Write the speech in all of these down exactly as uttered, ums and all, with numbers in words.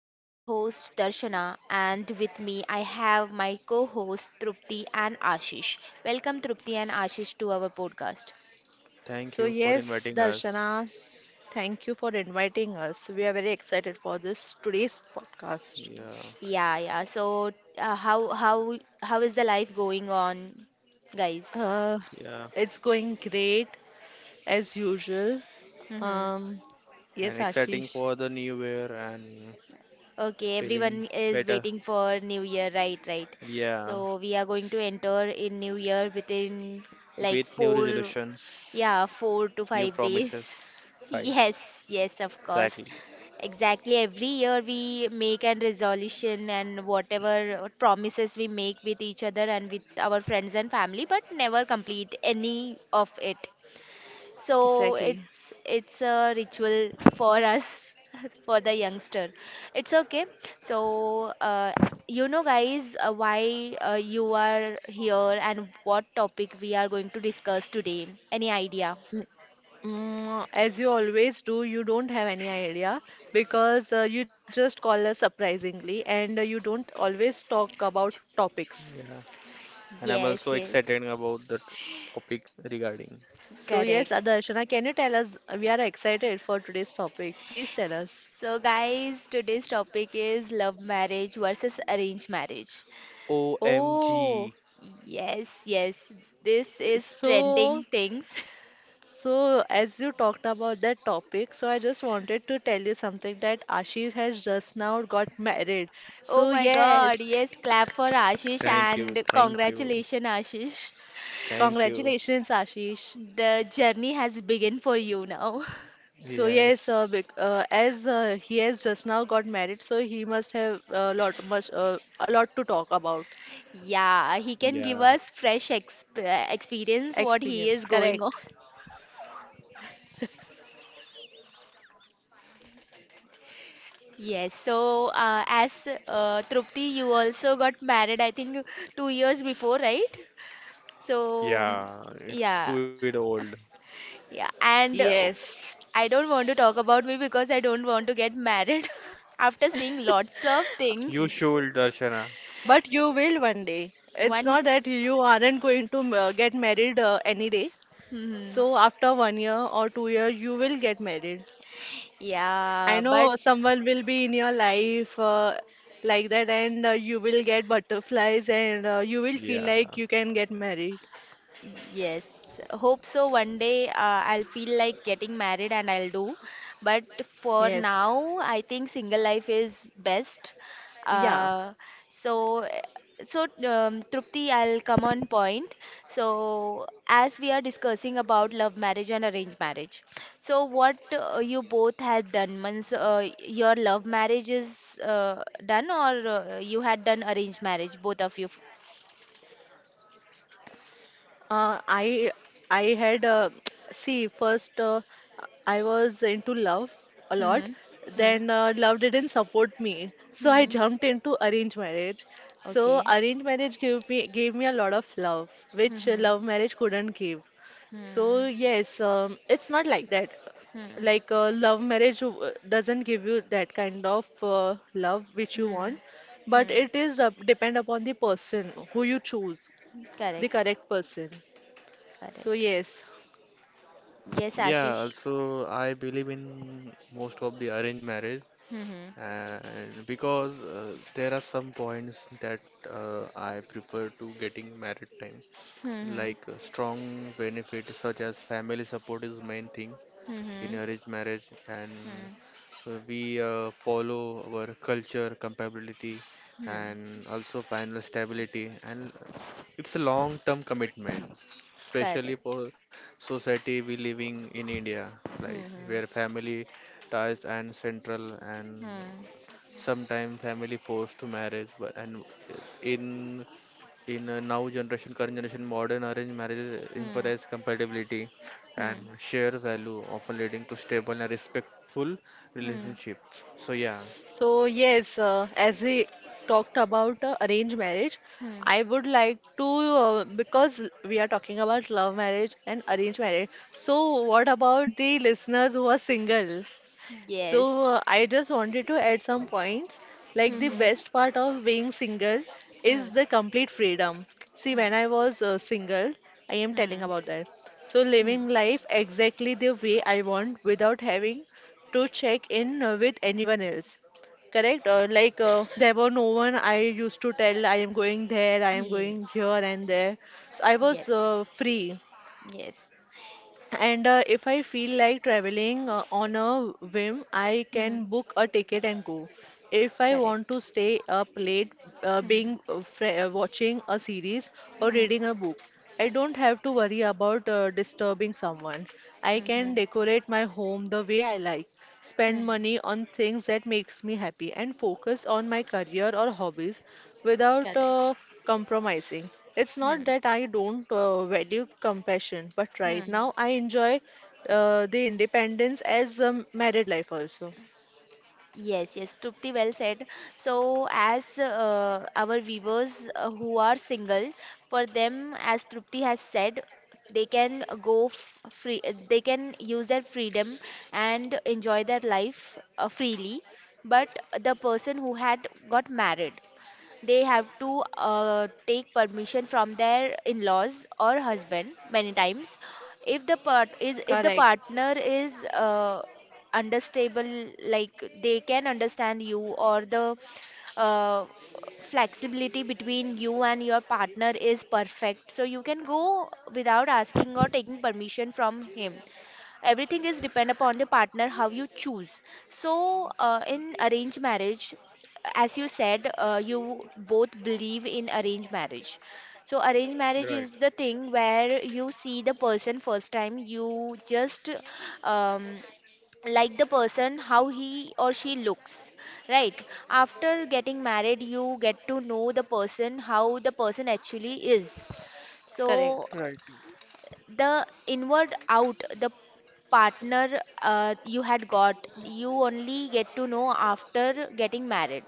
I am your host Darshana, and with me I have my co-host Trupti and Ashish. Welcome Trupti and Ashish to our podcast. So, Thank you for yes, inviting Darshana, us. thank you for inviting us. We are very excited for this today's podcast. Yeah, Yeah, yeah. So uh, how how how is the life going on, guys? Uh, yeah, it's going great as usual. Mhm. Um, yes, and exciting Ashish, for the new year and Okay, feeling everyone is better. waiting for New Year, right? Right. Yeah, So we are going to S- enter in New Year within like with new four, resolutions, yeah, four to new five days. promises. Right, Yes, yes, of course. exactly. Exactly. Every year we make an resolution and whatever promises we make with each other and with our friends and family, but never complete any of it, so exactly. it's it's a ritual for us. For the youngster it's okay. So uh, you know guys uh, why uh, you are here and what topic we are going to discuss today, any idea? N- mm, as you always do, you don't have any idea because uh, you just call us surprisingly and uh, you don't always talk about topics. Yeah, and I'm Yes, also yes, excited about the t- topic regarding So, yes, correct. uh, Darshana, can you tell us? We are excited for today's topic. Please tell us. So guys, today's topic is love marriage versus arranged marriage. Oh. O M G. Yes, yes, this is trending So, things. so as you talked about that topic, so I just wanted to tell you something that Ashish has just now got married. Oh So my yes, God, yes, clap for Ashish, Thank you, and thank you, congratulations, Ashish. thank you. congratulations, Ashish. The journey has begun for you now. So yes, uh, bec- Yes, uh, as uh, he has just now got married, so he must have a lot much uh, a lot to talk about. Yeah, he can give yeah, us fresh exp experience what he is Experience, going on. correct? Yes, so uh, as uh, Trupti, you also got married, I think two years before, right? So, yeah, it's yeah, too it old. yeah, and uh, Yes. I don't want to talk about me because I don't want to get married after seeing lots of You things. should, Darshana. But you will one day. It's One. not that you aren't going to uh, get married uh, any day. Mhm. So after one year or two year, you will get married. I Yeah, but know someone will be in your life uh, like that, and uh, you will get butterflies, and uh, you will feel Yeah. like you can get married. yes, hope so. One day uh, I'll feel like getting married and I'll do. But for Yes. now, I think single life is best. Yeah. Uh, so, so um, Trupti, I'll come on point. So, as we are discussing about love marriage and arranged marriage, so what uh, you both had done, means uh, your love marriage is uh, done, or uh, you had done arranged marriage, both of you? Uh, I I had uh, see first uh, I was into love a lot. Mhm. Then uh, Mhm. love didn't support me, so I jumped Mhm. into arranged marriage. So Okay. arranged marriage gave me gave me a lot of love, which uh, Mhm. love marriage couldn't give. So Mhm. yes, um, it's not like that. Mhm. Like uh, love marriage uh, doesn't give you that kind of uh, love which you want, Mhm. but Mhm. it is uh, depend upon the person who you choose the Correct. correct person. So Correct. yes, Yes, Yeah, Ashish. also I believe in most of the arranged marriage, Mm-hmm. and because uh, there are some points that uh, I prefer to getting married time, Mm-hmm. like uh, strong benefit such as family support is main thing, in Mm-hmm. arranged marriage, and uh, we uh, follow our culture, compatibility, Mm-hmm. and also financial stability. And it's a long-term commitment, Correct. especially for society we living in India, like where Mm-hmm. family ties and central and Mm-hmm. sometimes family forced to marriage but and in in uh, now generation current generation modern arranged marriages Mm-hmm. emphasize compatibility and share value often leading to stable and respectful Mm-hmm. relationships so yeah so yes, uh, as we talked about uh, arranged marriage, I would like to uh, because we are talking about love marriage and arranged marriage. So what about the listeners who are single? So Yes. uh, I just wanted to add some points. Like the Mm-hmm. best part of being single is Mm-hmm. the complete freedom. See, when I Mm-hmm. was uh, single, I am telling about that. So living Mm-hmm. life exactly the way I want without having to check in uh, with anyone else. Correct? Uh, like uh, there were no one I used to tell I am going there, I am going here and there. So I was Yes. uh, free. Yes. And uh, if I feel like traveling uh, on a whim, I Mm. can book a ticket and go. If I Correct. want to stay up late uh, being Mm. uh, fr uh, watching a series or Mm-hmm. reading a book, I don't have to worry about uh, disturbing someone. I can Mm-hmm. decorate my home the way I like, spend money on things that makes me happy, and focus on my career or hobbies without Correct. uh, compromising. It's Hmm. not that I don't uh, value compassion, but right Hmm. now I enjoy uh, the independence as a married life also. Yes, yes, Trupti, well said. So, as uh, our viewers uh, who are single, for them, as Trupti has said, they can go f free, uh, they can use their freedom and enjoy their life uh, freely. But the person who had got married, they have to uh, take permission from their in-laws or husband many times. If the part is if Correct, the partner is uh, understable, like they can understand you, or the uh, flexibility between you and your partner is perfect, so you can go without asking or taking permission from him. Everything is depend upon the partner, how you choose. So uh, in arranged marriage, as you said, uh, you both believe in arranged marriage. So arranged marriage is the thing where you see the person first time, you just um, like the person how he or she looks. Right after getting married, you get to know the person, how the person actually is. So correct. the inward out, the partner uh, you had got, you only get to know after getting married.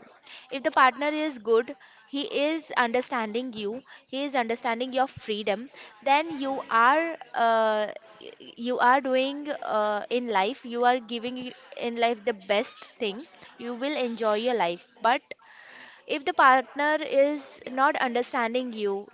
If the partner is good, he is understanding you, he is understanding your freedom, then you are uh, y- you are doing, uh, in life you are giving y- in life the best thing, you will enjoy your life. But if the partner is not understanding you,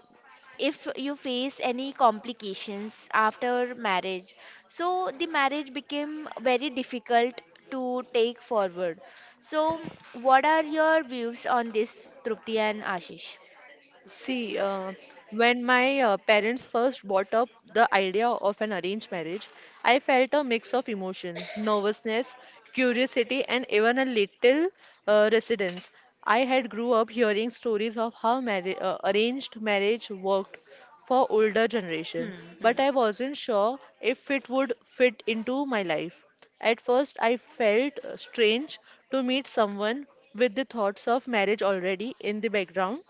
if you face any complications after marriage, so the marriage became very difficult to take forward. So what are your views on this, Trupti and Ashish? See, uh, when my uh, parents first brought up the idea of an arranged marriage, I felt a mix of emotions, nervousness, curiosity, and even a little uh, resistance. I had grew up hearing stories of how marri- uh, arranged marriage worked, for older generation, Hmm, hmm, but I wasn't sure if it would fit into my life. At first, I felt uh, strange to meet someone with the thoughts of marriage already in the background,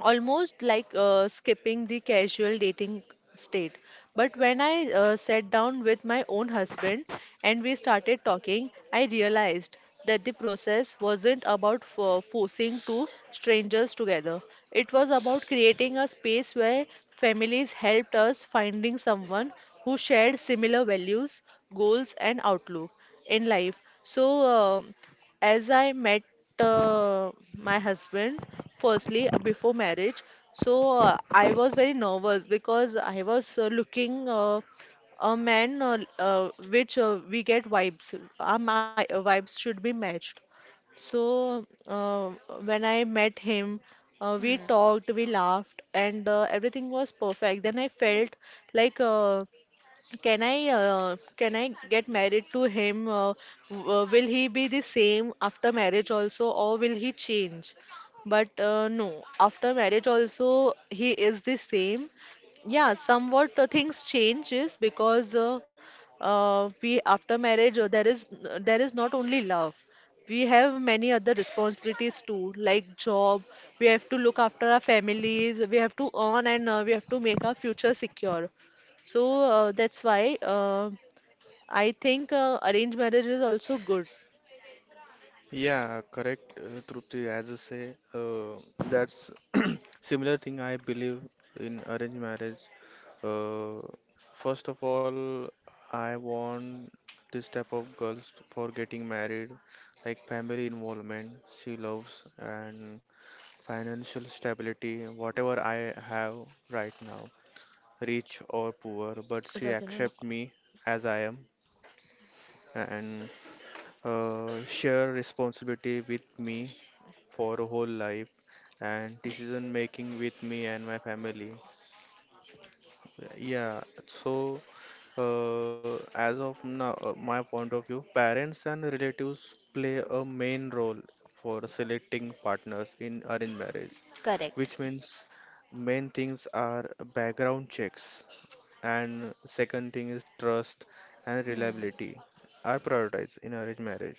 almost like uh, skipping the casual dating state. But when I uh, sat down with my own husband and we started talking, I realized that the process wasn't about for forcing two strangers together. It was about creating a space where families helped us finding someone who shared similar values, goals, and outlook in life. So, um as I met uh, my husband, firstly, uh, before marriage, so uh, I was very nervous because I was uh, looking uh, a man uh, uh, which uh, we get vibes. Our my, uh, vibes should be matched. So, uh, when I met him, uh, we hmm, talked, we laughed, and uh, everything was perfect. Then I felt like uh, can I uh, can I get married to him? Uh, w- uh, will he be the same after marriage also, or will he change? But uh, no, after marriage also he is the same. Yeah, somewhat uh, things changes because uh, uh, we after marriage uh, there is uh, there is not only love. We have many other responsibilities too, like job. We have to look after our families. We have to earn and uh, we have to make our future secure. So uh, that's why uh, I think uh, arranged marriage is also good. yeah Correct, uh, Trupti, as I say, uh, that's similar thing I believe in arranged marriage. uh, First of all, I want this type of girls for getting married, like family involvement, she loves, and financial stability, whatever I have right now, rich or poor, but It she doesn't really- accept me as I am, and uh, share responsibility with me for a whole life and decision making with me and my family. Yeah, so uh, as of now, uh, my point of view, parents and relatives play a main role for selecting partners in arranged marriage, correct. which means main things are background checks, and second thing is trust and Hmm, reliability are prioritized in arranged marriage.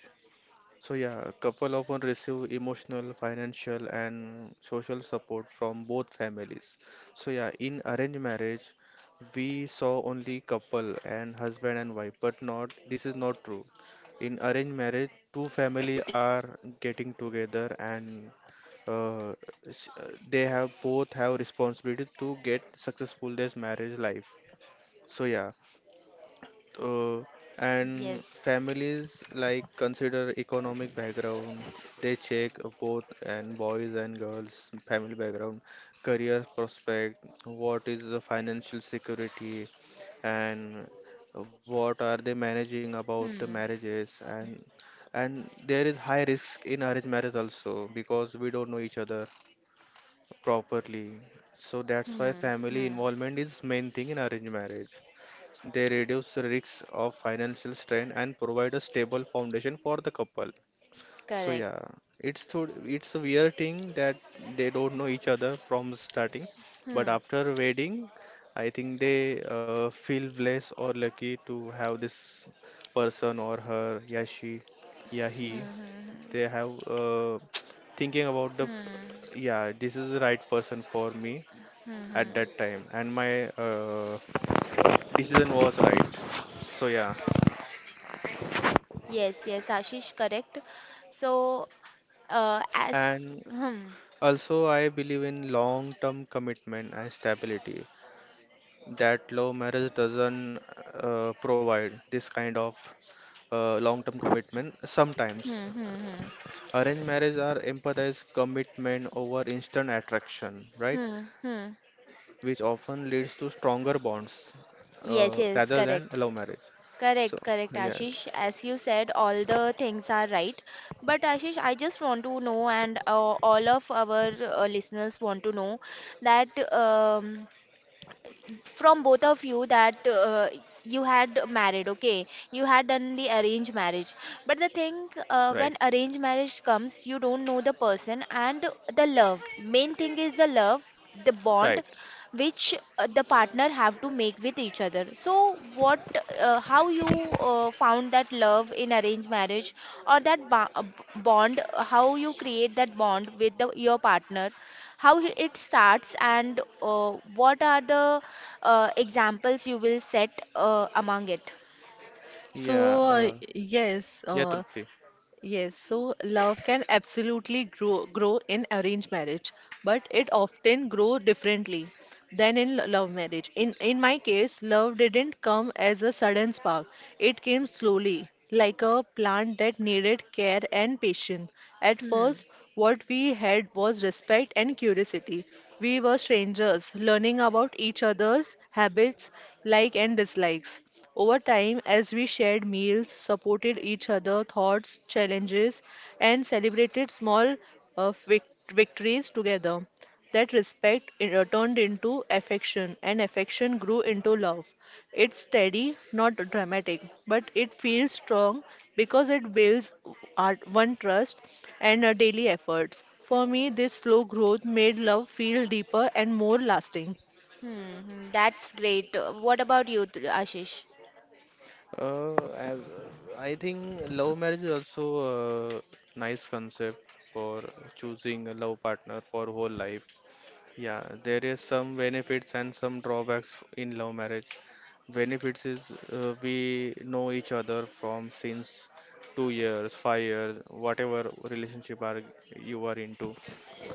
So yeah, couple often receive emotional, financial, and social support from both families. So yeah, in arranged marriage, we saw only couple and husband and wife, but not this is not true. In arranged marriage, two family are getting together and uh, s- uh, they have both have responsibility to get successful their marriage life. So yeah, uh, and yes. families like consider economic background. They check both and boys and girls family background, career prospect, what is the financial security, and what are they managing about the Hmm, marriages. and and there is high risks in arranged marriage also because we don't know each other properly, so that's why hmm, family hmm, involvement is main thing in arranged marriage. They reduce the risks of financial strain and provide a stable foundation for the couple. So correct. yeah, it's so it's a weird thing that they don't know each other from starting, but Hmm, after wedding, I think they uh, feel blessed or lucky to have this person or her, yeah she, yeah hmm, he. hmm, hmm, They have uh, thinking about the hmm, yeah this is the right person for me hmm, at hmm. that time, and my uh, decision was right. So yeah. Yes, yes, Ashish, correct. So uh, as And hmm, also, I believe in long-term commitment and stability that love marriage doesn't uh, provide this kind of uh, long-term commitment. Sometimes hmm, hmm, hmm. arranged marriage are emphasize commitment over instant attraction, right? Hmm, Which hmm. often leads to stronger bonds uh, rather Yes, than yes, love marriage. correct. So Correct, correct, yes, Ashish. As you said, all the things are right. But Ashish, I just want to know, and uh, all of our uh, listeners want to know that um, from both of you that uh, you had married, okay, you had done the arranged marriage. right, But the thing, uh, when arranged marriage comes, you don't know the person, and the love, main thing is the love, right, the bond which uh, the partner have to make with each other. So what, uh, how you uh, found that love in arranged marriage, or that ba- uh, bond, how you create that bond with the, your partner, how he- it starts, and uh, what are the uh, examples you will set uh, among it. yeah, So uh, uh, yes, yeah, uh, Trupti. Yes, so love can absolutely grow grow in arranged marriage, but it often grow differently than in lo- love marriage. In in my case, love didn't come as a sudden spark. It came slowly, like a plant that needed care and patience. At Hmm. first, what we had was respect and curiosity. We were strangers, learning about each other's habits, like and dislikes. Over time, as we shared meals, supported each other, thoughts, challenges, and celebrated small uh, vic- victories together, that respect uh, turned into affection, and affection grew into love. It's steady, not dramatic, but it feels strong because it builds our one trust and our daily efforts. For me, this slow growth made love feel deeper and more lasting. Hmm. Hmm, that's great. Uh, what about you, Th- Ashish? Uh, as uh, I think love marriage is also a nice concept for choosing a love partner for whole life. Yeah, there is some benefits and some drawbacks in love marriage. Benefits is uh, we know each other from since two years, five years, whatever relationship are you are into.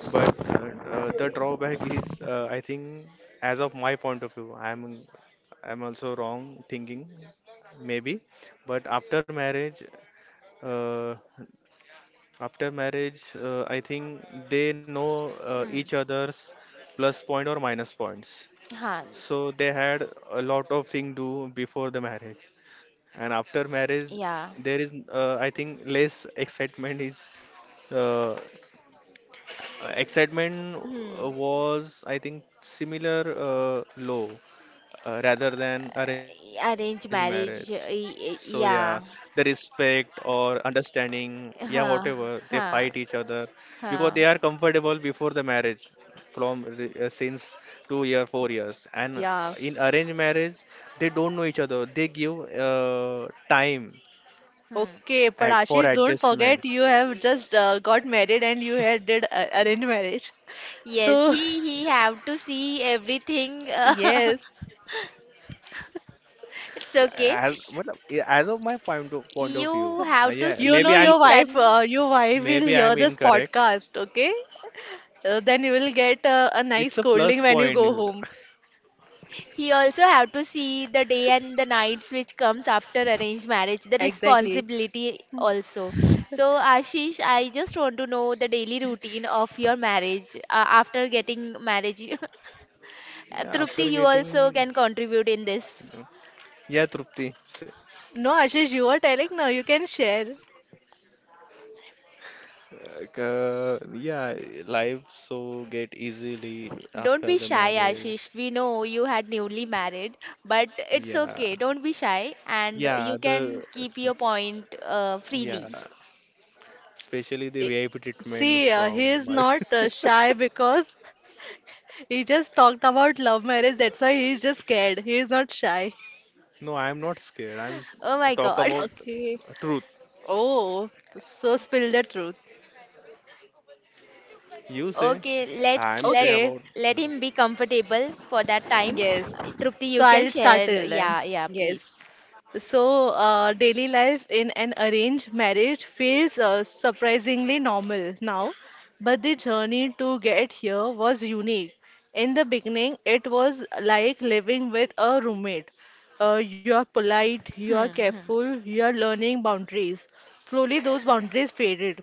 But uh, uh, the drawback is, uh, I think, as of my point of view, I'm I'm also wrong thinking, maybe. But after marriage, uh, After marriage, uh, I think they know uh, each Hmm. other's plus point or minus points. Huh. So they had a lot of thing do before the marriage, and Yeah, after marriage, yeah. there is, uh, I think, less excitement is uh, Uh, excitement Hmm. uh, was, I think, similar uh, low uh, rather than arranged marriage. Arrange So marriage, uh, yeah, y- y- the yeah. respect or understanding, yeah, whatever Huh. they fight each Huh. other because they are Huh. comfortable before the marriage from re- uh, since two year four years and uh, Yeah. in arranged marriage they don't know each other, they give uh, time Hmm. Okay, at but for Ashish, don't forget adjustments. you have just uh, got married and you had did uh, arranged marriage. Yes, So, he he have to see everything. yes, It's Yeah, okay. as matlab, yeah, as of my point of point of view, You uh, have to yeah, you see know maybe the I'm your wife, sun. uh, your wife will maybe I'm hear this incorrect. podcast, okay? Uh, then you will get uh, a nice It's a scolding plus when you point. go home. He also have to see the day and the nights which comes after arranged marriage, the Exactly. responsibility also. So Ashish, I just want to know the daily routine of your marriage, uh, after getting marriage. Yeah, Trupti, after you also getting can contribute in this. yeah, Trupti. S- No, Ashish, you are telling now. You can share. Uh, yeah, life so get easily Don't after be the shy, marriage. Ashish. We know you had newly married, but it's Yeah, okay. Don't be shy, and yeah, you the can keep s- your point uh, freely. yeah, Especially the I- V I P treatment See, uh, he from is wife. not uh, shy because he just talked about love marriage. That's why he is just scared. He is not shy. No, I'm not scared. I'm Oh my talk God. about Okay. truth. Oh, so spill the truth. You say, Okay, let's I'm say let Okay, about let him be comfortable for that time. Uh, yes. Trupti, So you can I'll start share. till then. Yeah, yeah, please. Yes. So uh, daily life in an arranged marriage feels uh, surprisingly normal now, but the journey to get here was unique. In the beginning, it was like living with a roommate. Uh, you are polite, you are Hmm, hmm, careful, you are learning boundaries. Slowly, those boundaries faded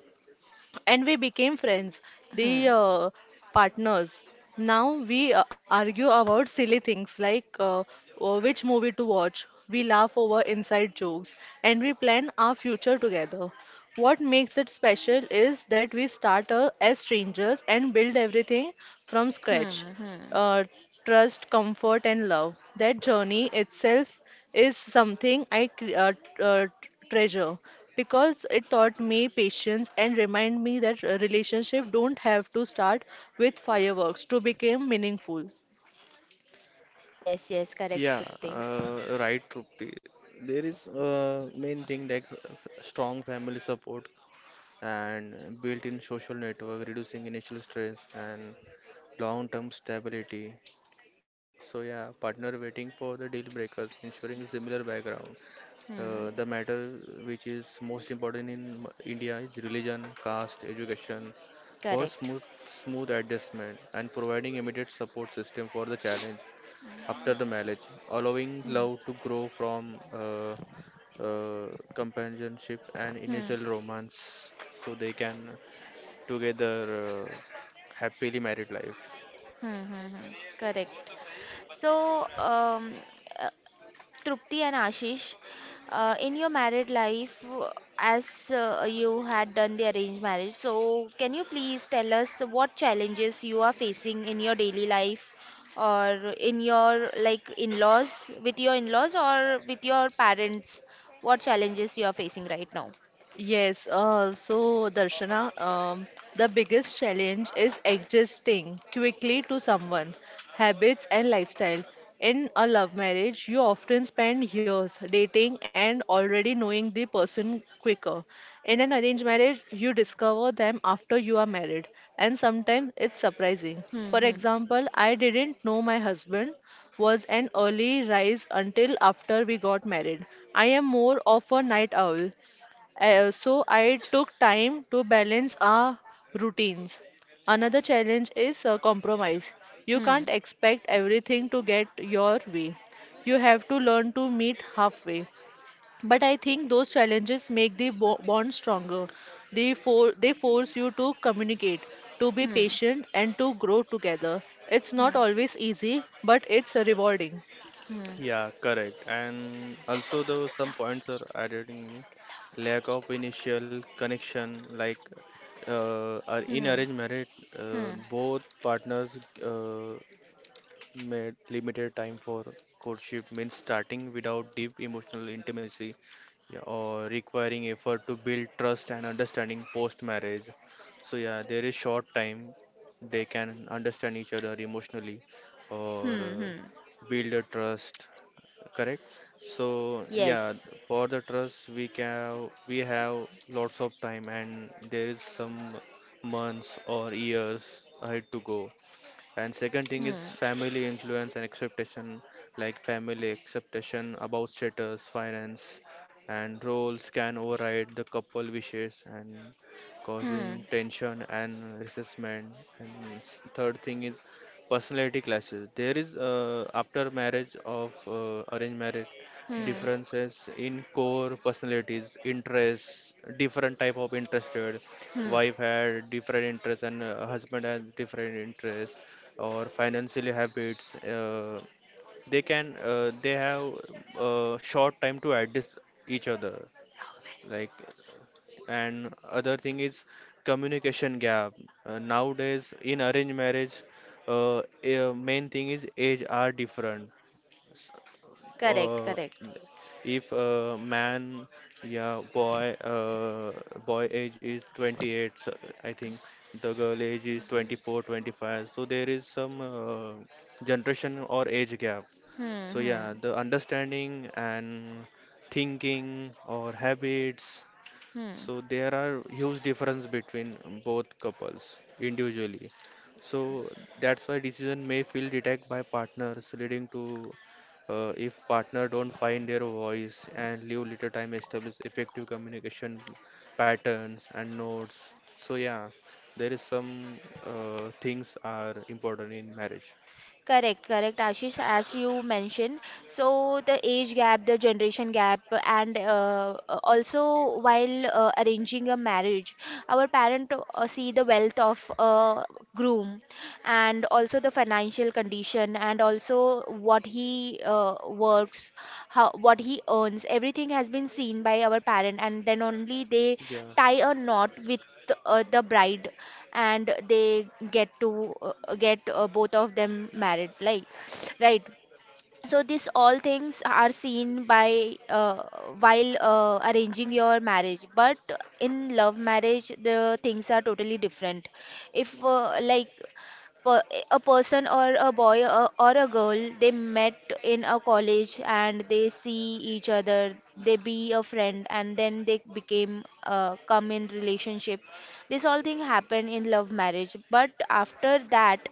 and we became friends, hmm, the uh, partners. Now we uh, argue about silly things like uh, uh, which movie to watch. We laugh over inside jokes and we plan our future together. What makes it special is that we start uh, as strangers and build everything from scratch hmm, hmm. uh, trust, comfort, and love. That journey itself is something I cre- uh, t- uh, t- treasure because it taught me patience and remind me that a relationship don't have to start with fireworks to become meaningful. Yes, yes, correct, Yeah, Trupti. uh, right, Trupti. There is uh, main thing like f- strong family support and built-in social network, reducing initial stress and long-term stability. So yeah, partner waiting for the deal breakers, ensuring similar background. Uh, the Hmm, matter which is most important in m- India is religion, caste, education for correct. smooth smooth adjustment and providing immediate support system for the challenge after the marriage, allowing Hmm, love to grow from uh, uh, companionship and hmm, initial romance so they can together uh, happily married life. hmm, hmm, hmm, correct. So, um, Trupti and Ashish, uh, in your married life, uh, as uh, you had done the arranged marriage, so can you please tell us what challenges you are facing in your daily life, or in your like in-laws, with your in-laws or with your parents? What challenges you are facing right now? Yes, uh, so Darshana, um, the biggest challenge is adjusting quickly to someone, habits and lifestyle. In a love marriage, you often spend years dating and already knowing the person quicker. In an arranged marriage, you discover them after you are married, and sometimes it's surprising. For Hmm, hmm, example, I didn't know my husband was an early rise until after we got married. I am more of a night owl, uh, so I took time to balance our routines. Another challenge is uh, compromise. You hmm, can't expect everything to get your way. You have to learn to meet halfway. But I think those challenges make the bo- bond stronger. They, for- they force you to communicate, to be hmm, patient, and to grow together. It's not always easy, but it's rewarding. hmm, Yeah, correct. And also, though some points are added in me, lack of initial connection, like uh, ar- hmm, in hmm, arranged marriage, uh, hmm, both partners uh, made limited time for courtship means starting without deep emotional intimacy, yeah, or requiring effort to build trust and understanding post marriage. So yeah, there is short time they can understand each other emotionally or hmm, uh, hmm. build a trust, correct, so yeah, Yes. for the trust we can we have lots of time and there is some months or years ahead to go. And second thing is Hmm, family influence and expectation, like family expectation about status, finance, and roles can override the couple wishes and causing hmm, tension and resentment. And s- third thing is personality clashes. There is uh, after marriage of uh, arranged marriage, hmm, differences in core personalities, interests, different type of interested, hmm. wife had different interests and uh, husband had different interests or financial habits. Uh, they can uh, they have uh, short time to adjust each other. Like and other thing is communication gap. Uh, nowadays in arranged marriage, uh, uh, main thing is age are different. Correct, Uh, correct. if a man yeah boy uh, Boy age is twenty-eight, so I think the girl age is twenty-four twenty-five, so there is some uh, generation or age gap. Hmm, So hmm, yeah, the understanding and thinking or habits, hmm. so there are huge difference between both couples individually. So that's why decision may feel detached by partners, leading to, uh, if partner don't find their voice and leave little time establish effective communication patterns and nodes. So yeah, there is some uh, things are important in marriage. Correct, correct, Ashish, as you mentioned. So the age gap, the generation gap, and uh, also while uh, arranging a marriage, our parent uh, see the wealth of a groom, and also the financial condition, and also what he uh, works, how what he earns. Everything has been seen by our parent, and then only they Yeah, tie a knot with uh, the bride, and they get to uh, get uh, both of them married, like, right? So this all things are seen by, uh, while uh, arranging your marriage. But in love marriage the things are totally different. If uh, like per- a person or a boy or, or a girl, they met in a college, and they see each other, they be a friend, and then they became uh, come in relationship. This all thing happen in love marriage. But after that,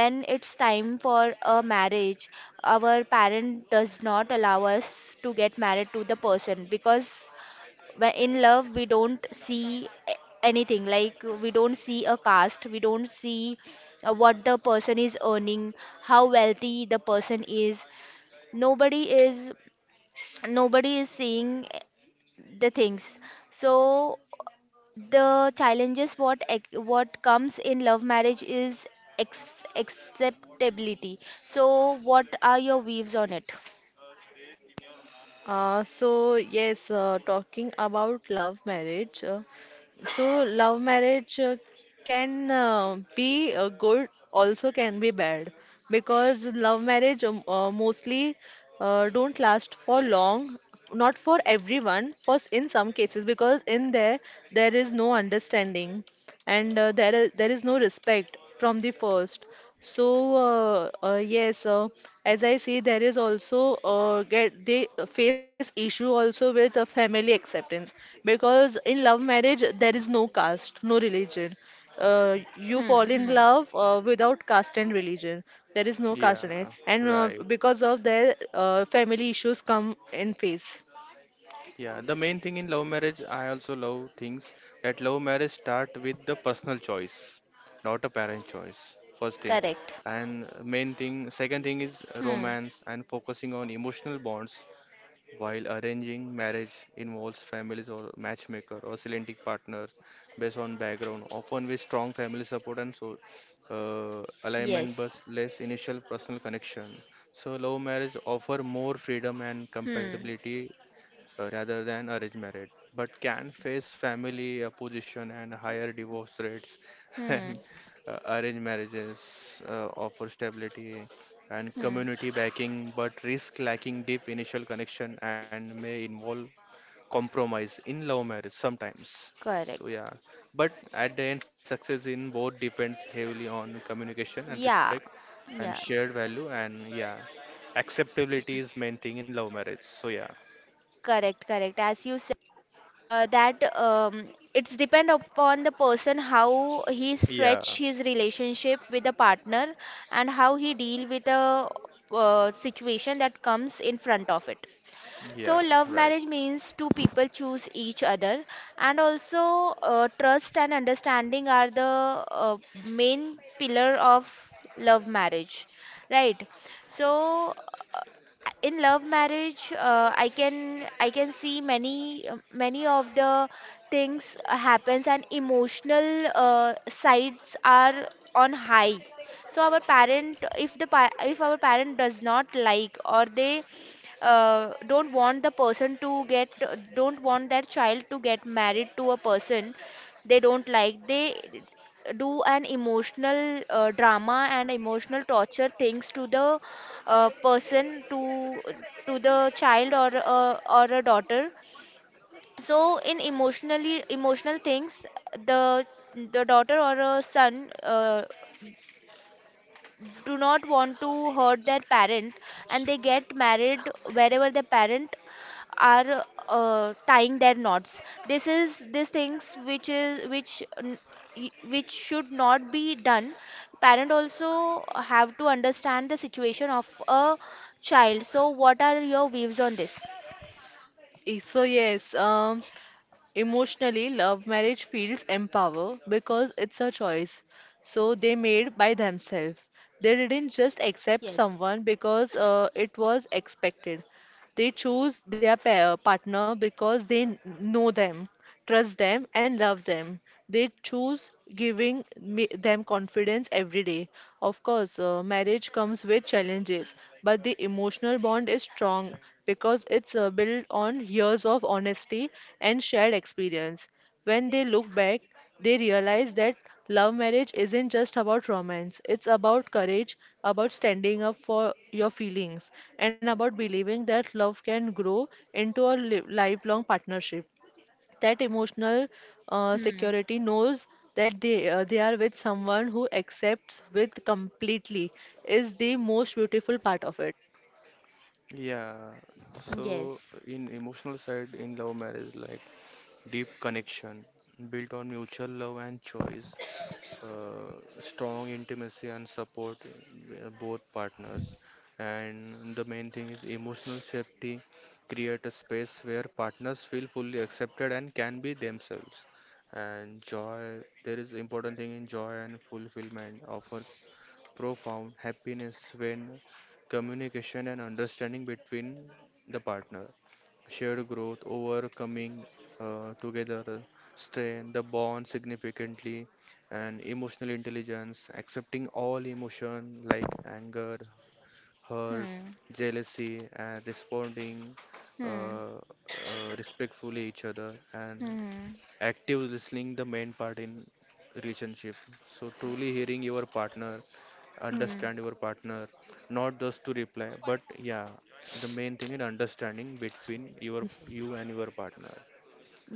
when it's time for a marriage, our parent does not allow us to get married to the person because, but in love we don't see a- anything, like we don't see a caste, we don't see uh, what the person is earning, how wealthy the person is. Nobody is nobody is seeing the things. So the challenges what ex- what comes in love marriage is, ex- acceptability. So what are your views on it? Uh, so yes, uh, talking about love marriage. Uh, so love marriage uh, can uh, be uh, good, also can be bad, because love marriage um, uh, mostly uh, don't last for long. Not for everyone. For s- in some cases, because in there there is no understanding and uh, there are- there is no respect from the first, so uh, uh, yes, uh, as I see there is also uh, get they face issue also with uh, family acceptance because in love marriage there is no caste, no religion. Uh, you Hmm, fall in hmm. love uh, without caste and religion. There is no yeah, caste in it, and uh, Right. because of their uh, family issues come in face. Yeah, the main thing in love marriage, I also love things that love marriage start with the personal choice, not a parent choice. First thing, Correct. and main thing, second thing is Hmm, romance and focusing on emotional bonds. While arranging marriage involves families or matchmaker or selecting partners based on background, often with strong family support and so uh, alignment, but yes. less initial personal connection. So love marriage offer more freedom and Hmm, compatibility uh, rather than arranged marriage, but can face family opposition and higher divorce rates. And hmm, uh, arranged marriages uh, offer stability and hmm. community backing, but risk lacking deep initial connection and may involve compromise in love marriage sometimes. Correct. So, yeah. But at the end, success in both depends heavily on communication and Yeah. respect and Yeah. shared value and yeah acceptability is main thing in love marriage, so yeah, Correct. Correct. As you said, uh, that um, it's depend upon the person, how he yeah. stretch his relationship with the partner, and how he deal with the uh, situation that comes in front of it. Yeah, So, love right. marriage means two people choose each other, and also uh, trust and understanding are the uh, main pillar of love marriage, right? So, uh, in love marriage, uh, I can I can see many many of the things happens, and emotional uh, sides are on high. So our parent, if the pa- if our parent does not like, or they uh, don't want the person to get don't want that child to get married to a person they don't like, they do an emotional uh, drama and emotional torture things to the uh, person to to the child, or uh, or a daughter. So in emotionally emotional things, the the daughter or a son uh, do not want to hurt their parent, and they get married wherever the parent are uh, tying their knots. This is, these things which is, which n- y- which should not be done. Parent also have to understand the situation of a child. So what are your views on this? Eh, So yes, um, emotionally, love marriage feels empower because it's a choice. So they made by themselves. They didn't just accept Yes. someone because uh, it was expected. They choose their pa partner because they kn- know them, trust them, and love them. They choose giving me them confidence every day. Of course, uh, marriage comes with challenges, but the emotional bond is strong because it's uh, built on years of honesty and shared experience. When they look back, they realize that love marriage isn't just about romance, it's about courage, about standing up for your feelings, and about believing that love can grow into a li- lifelong partnership. That emotional uh, Hmm, security knows that they, uh, they are with someone who accepts with completely is the most beautiful part of it. Yeah. So yes. in emotional side in love marriage, like deep connection built on mutual love and choice, uh, strong intimacy and support in uh, both partners. And the main thing is emotional safety, create a space where partners feel fully accepted and can be themselves. And joy, there is important thing in joy and fulfillment offers profound happiness when communication and understanding between the partner, shared growth, overcoming uh, together strain, the bond significantly, and emotional intelligence, accepting all emotion like anger, hurt, Hmm, jealousy, and responding hmm, uh, uh, respectfully each other, and hmm, active listening the main part in relationship, so truly hearing your partner, hmm. understand your partner, not just to reply but yeah the main thing is understanding between your you and your partner.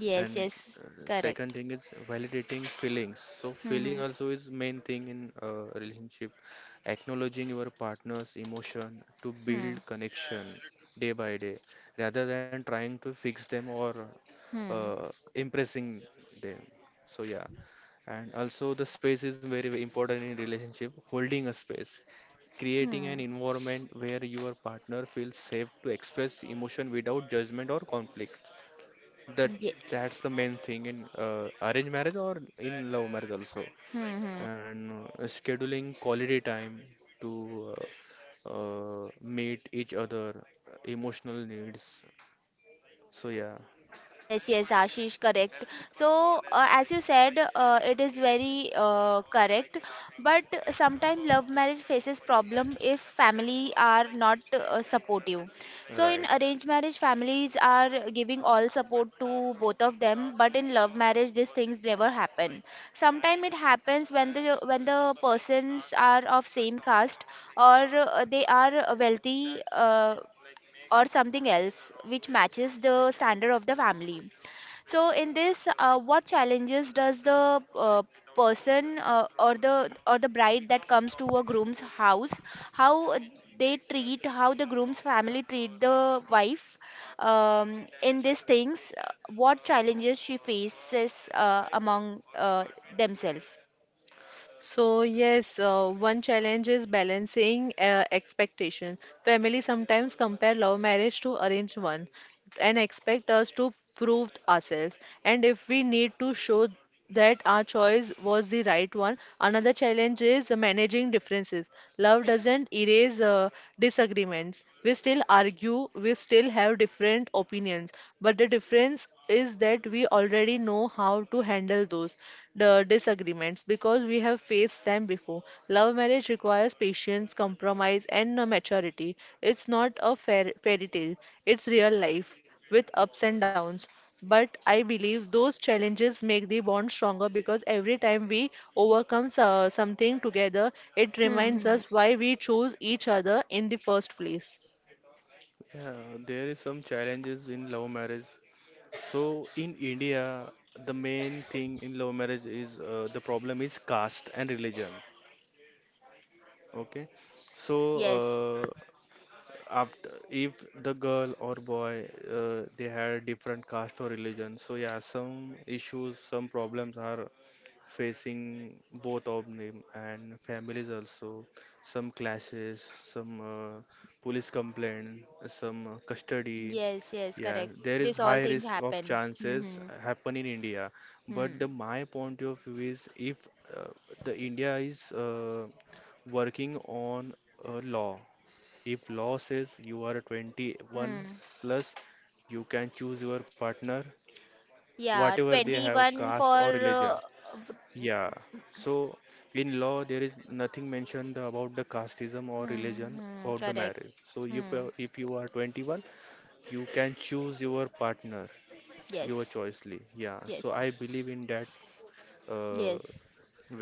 Yes, And yes, uh, correct. second thing is validating feelings, so feeling Hmm, also is main thing in uh, relationship, acknowledging your partner's emotion to hmm, build connection day by day rather than trying to fix them or hmm, uh, impressing them. So yeah, and also the space is very, very important in relationship, holding a space, creating an hmm, environment where your partner feels safe to express emotion without judgment or conflict. That that's yes. the main thing in uh, arranged marriage or in love marriage also. Hmm. Hmm. And uh, scheduling quality time to uh, uh, meet each other emotional needs. So yeah, Yes, yes, Ashish, correct. So, uh, as you said, uh, it is very uh, correct. But sometimes love marriage faces problem if family are not uh, supportive. So, in Right. arranged marriage, families are giving all support to both of them. But in love marriage, these things never happen. Sometimes it happens when the when the persons are of same caste, or uh, they are wealthy, uh, or something else which matches the standard of the family. So in this, uh, what challenges does the uh, person uh, or the or the bride that comes to a groom's house, how they treat, how the groom's family treat the wife, um, in these things, uh, what challenges she faces uh, among uh, themselves? So, yes, uh, one challenge is balancing uh, expectation. Family sometimes compare love marriage to arranged one and expect us to prove ourselves. And if we need to show that our choice was the right one, another challenge is managing differences. Love doesn't erase uh, disagreements. We still argue, we still have different opinions, but the difference is that we already know how to handle those the disagreements because we have faced them before. Love marriage requires patience, compromise, and uh, maturity. It's not a fair fairy tale, it's real life with ups and downs. But I believe those challenges make the bond stronger because every time we overcome so- something together, it reminds Mm-hmm. us why we chose each other in the first place. Yeah, there is some challenges in love marriage. So in India, the main thing in love marriage is uh, the problem is caste and religion. Okay, Yes. so after if the girl or boy uh, they had different caste or religion, so yeah some issues some problems are facing both of them and families also, some clashes, some uh, police complaint, some uh, custody, Yes, yes, yeah, correct. there is This all high things risk of happen. chances Mm-hmm. happen in India. But Hmm. the my point of view is if uh, the India is uh, working on a law, if law says you are twenty-one Hmm. Hmm. plus, you can choose your partner, whatever Yeah, they have, caste twenty-one or for religion. uh, Yeah. So in law, there is nothing mentioned about the casteism or hmm, religion hmm, about the correct. marriage. So if Hmm, uh, if you are twenty-one, you can choose your partner, your yes, choicely. Yeah. So yes, I believe in that uh, yes.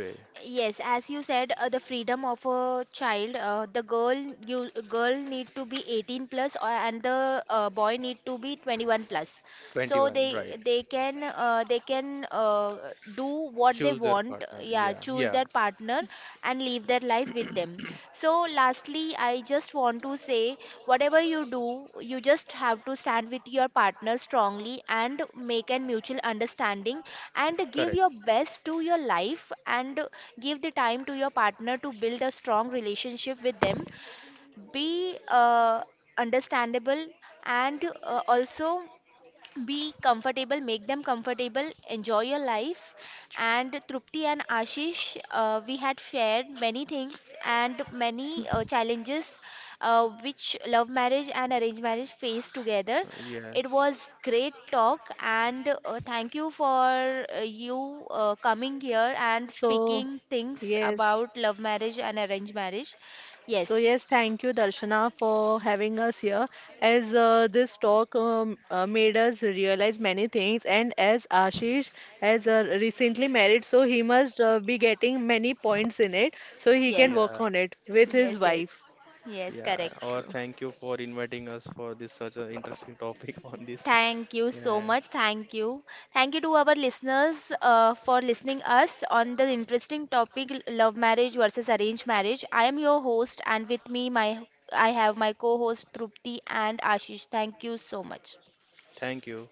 way. Yes, as you said, uh, the freedom of a child, uh, the girl you girl need to be eighteen plus, or, and the uh, boy need to be twenty-one plus. So twenty-one, they right. they can uh, they can uh, do what they Choose their want, partner. yeah, Yeah, choose yeah, their partner and live their life with them. So lastly, I just want to say, whatever you do, you just have to stand with your partner strongly, and make a mutual understanding, and give your correct. best to your life, and give the time to your partner to build a strong relationship with them, be uh, understandable, and uh, also be comfortable, make them comfortable, enjoy your life. And Trupti and Ashish, uh, we had shared many things and many uh, challenges uh, which love marriage and arranged marriage face together. Uh, It Yes. was great talk, and uh, thank you for uh, you uh, coming here and So, speaking things yes. about love marriage and arranged marriage. So Yes, yes, thank you, Darshana, for having us here. As uh, this talk um, uh, made us realize many things, and as Ashish has uh, recently married, so he must uh, be getting many points in it, so he can yes, work Yeah. on it with his yes, yes, wife. yes, Yeah, correct. or So, thank you for inviting us for this such an interesting topic on this. Thank you so And much. Thank you. Thank you to our listeners uh, for listening us on the interesting topic, l- love marriage versus arranged marriage. I am your host, and with me my I have my co-host Trupti and Ashish. Thank you so much. thank you.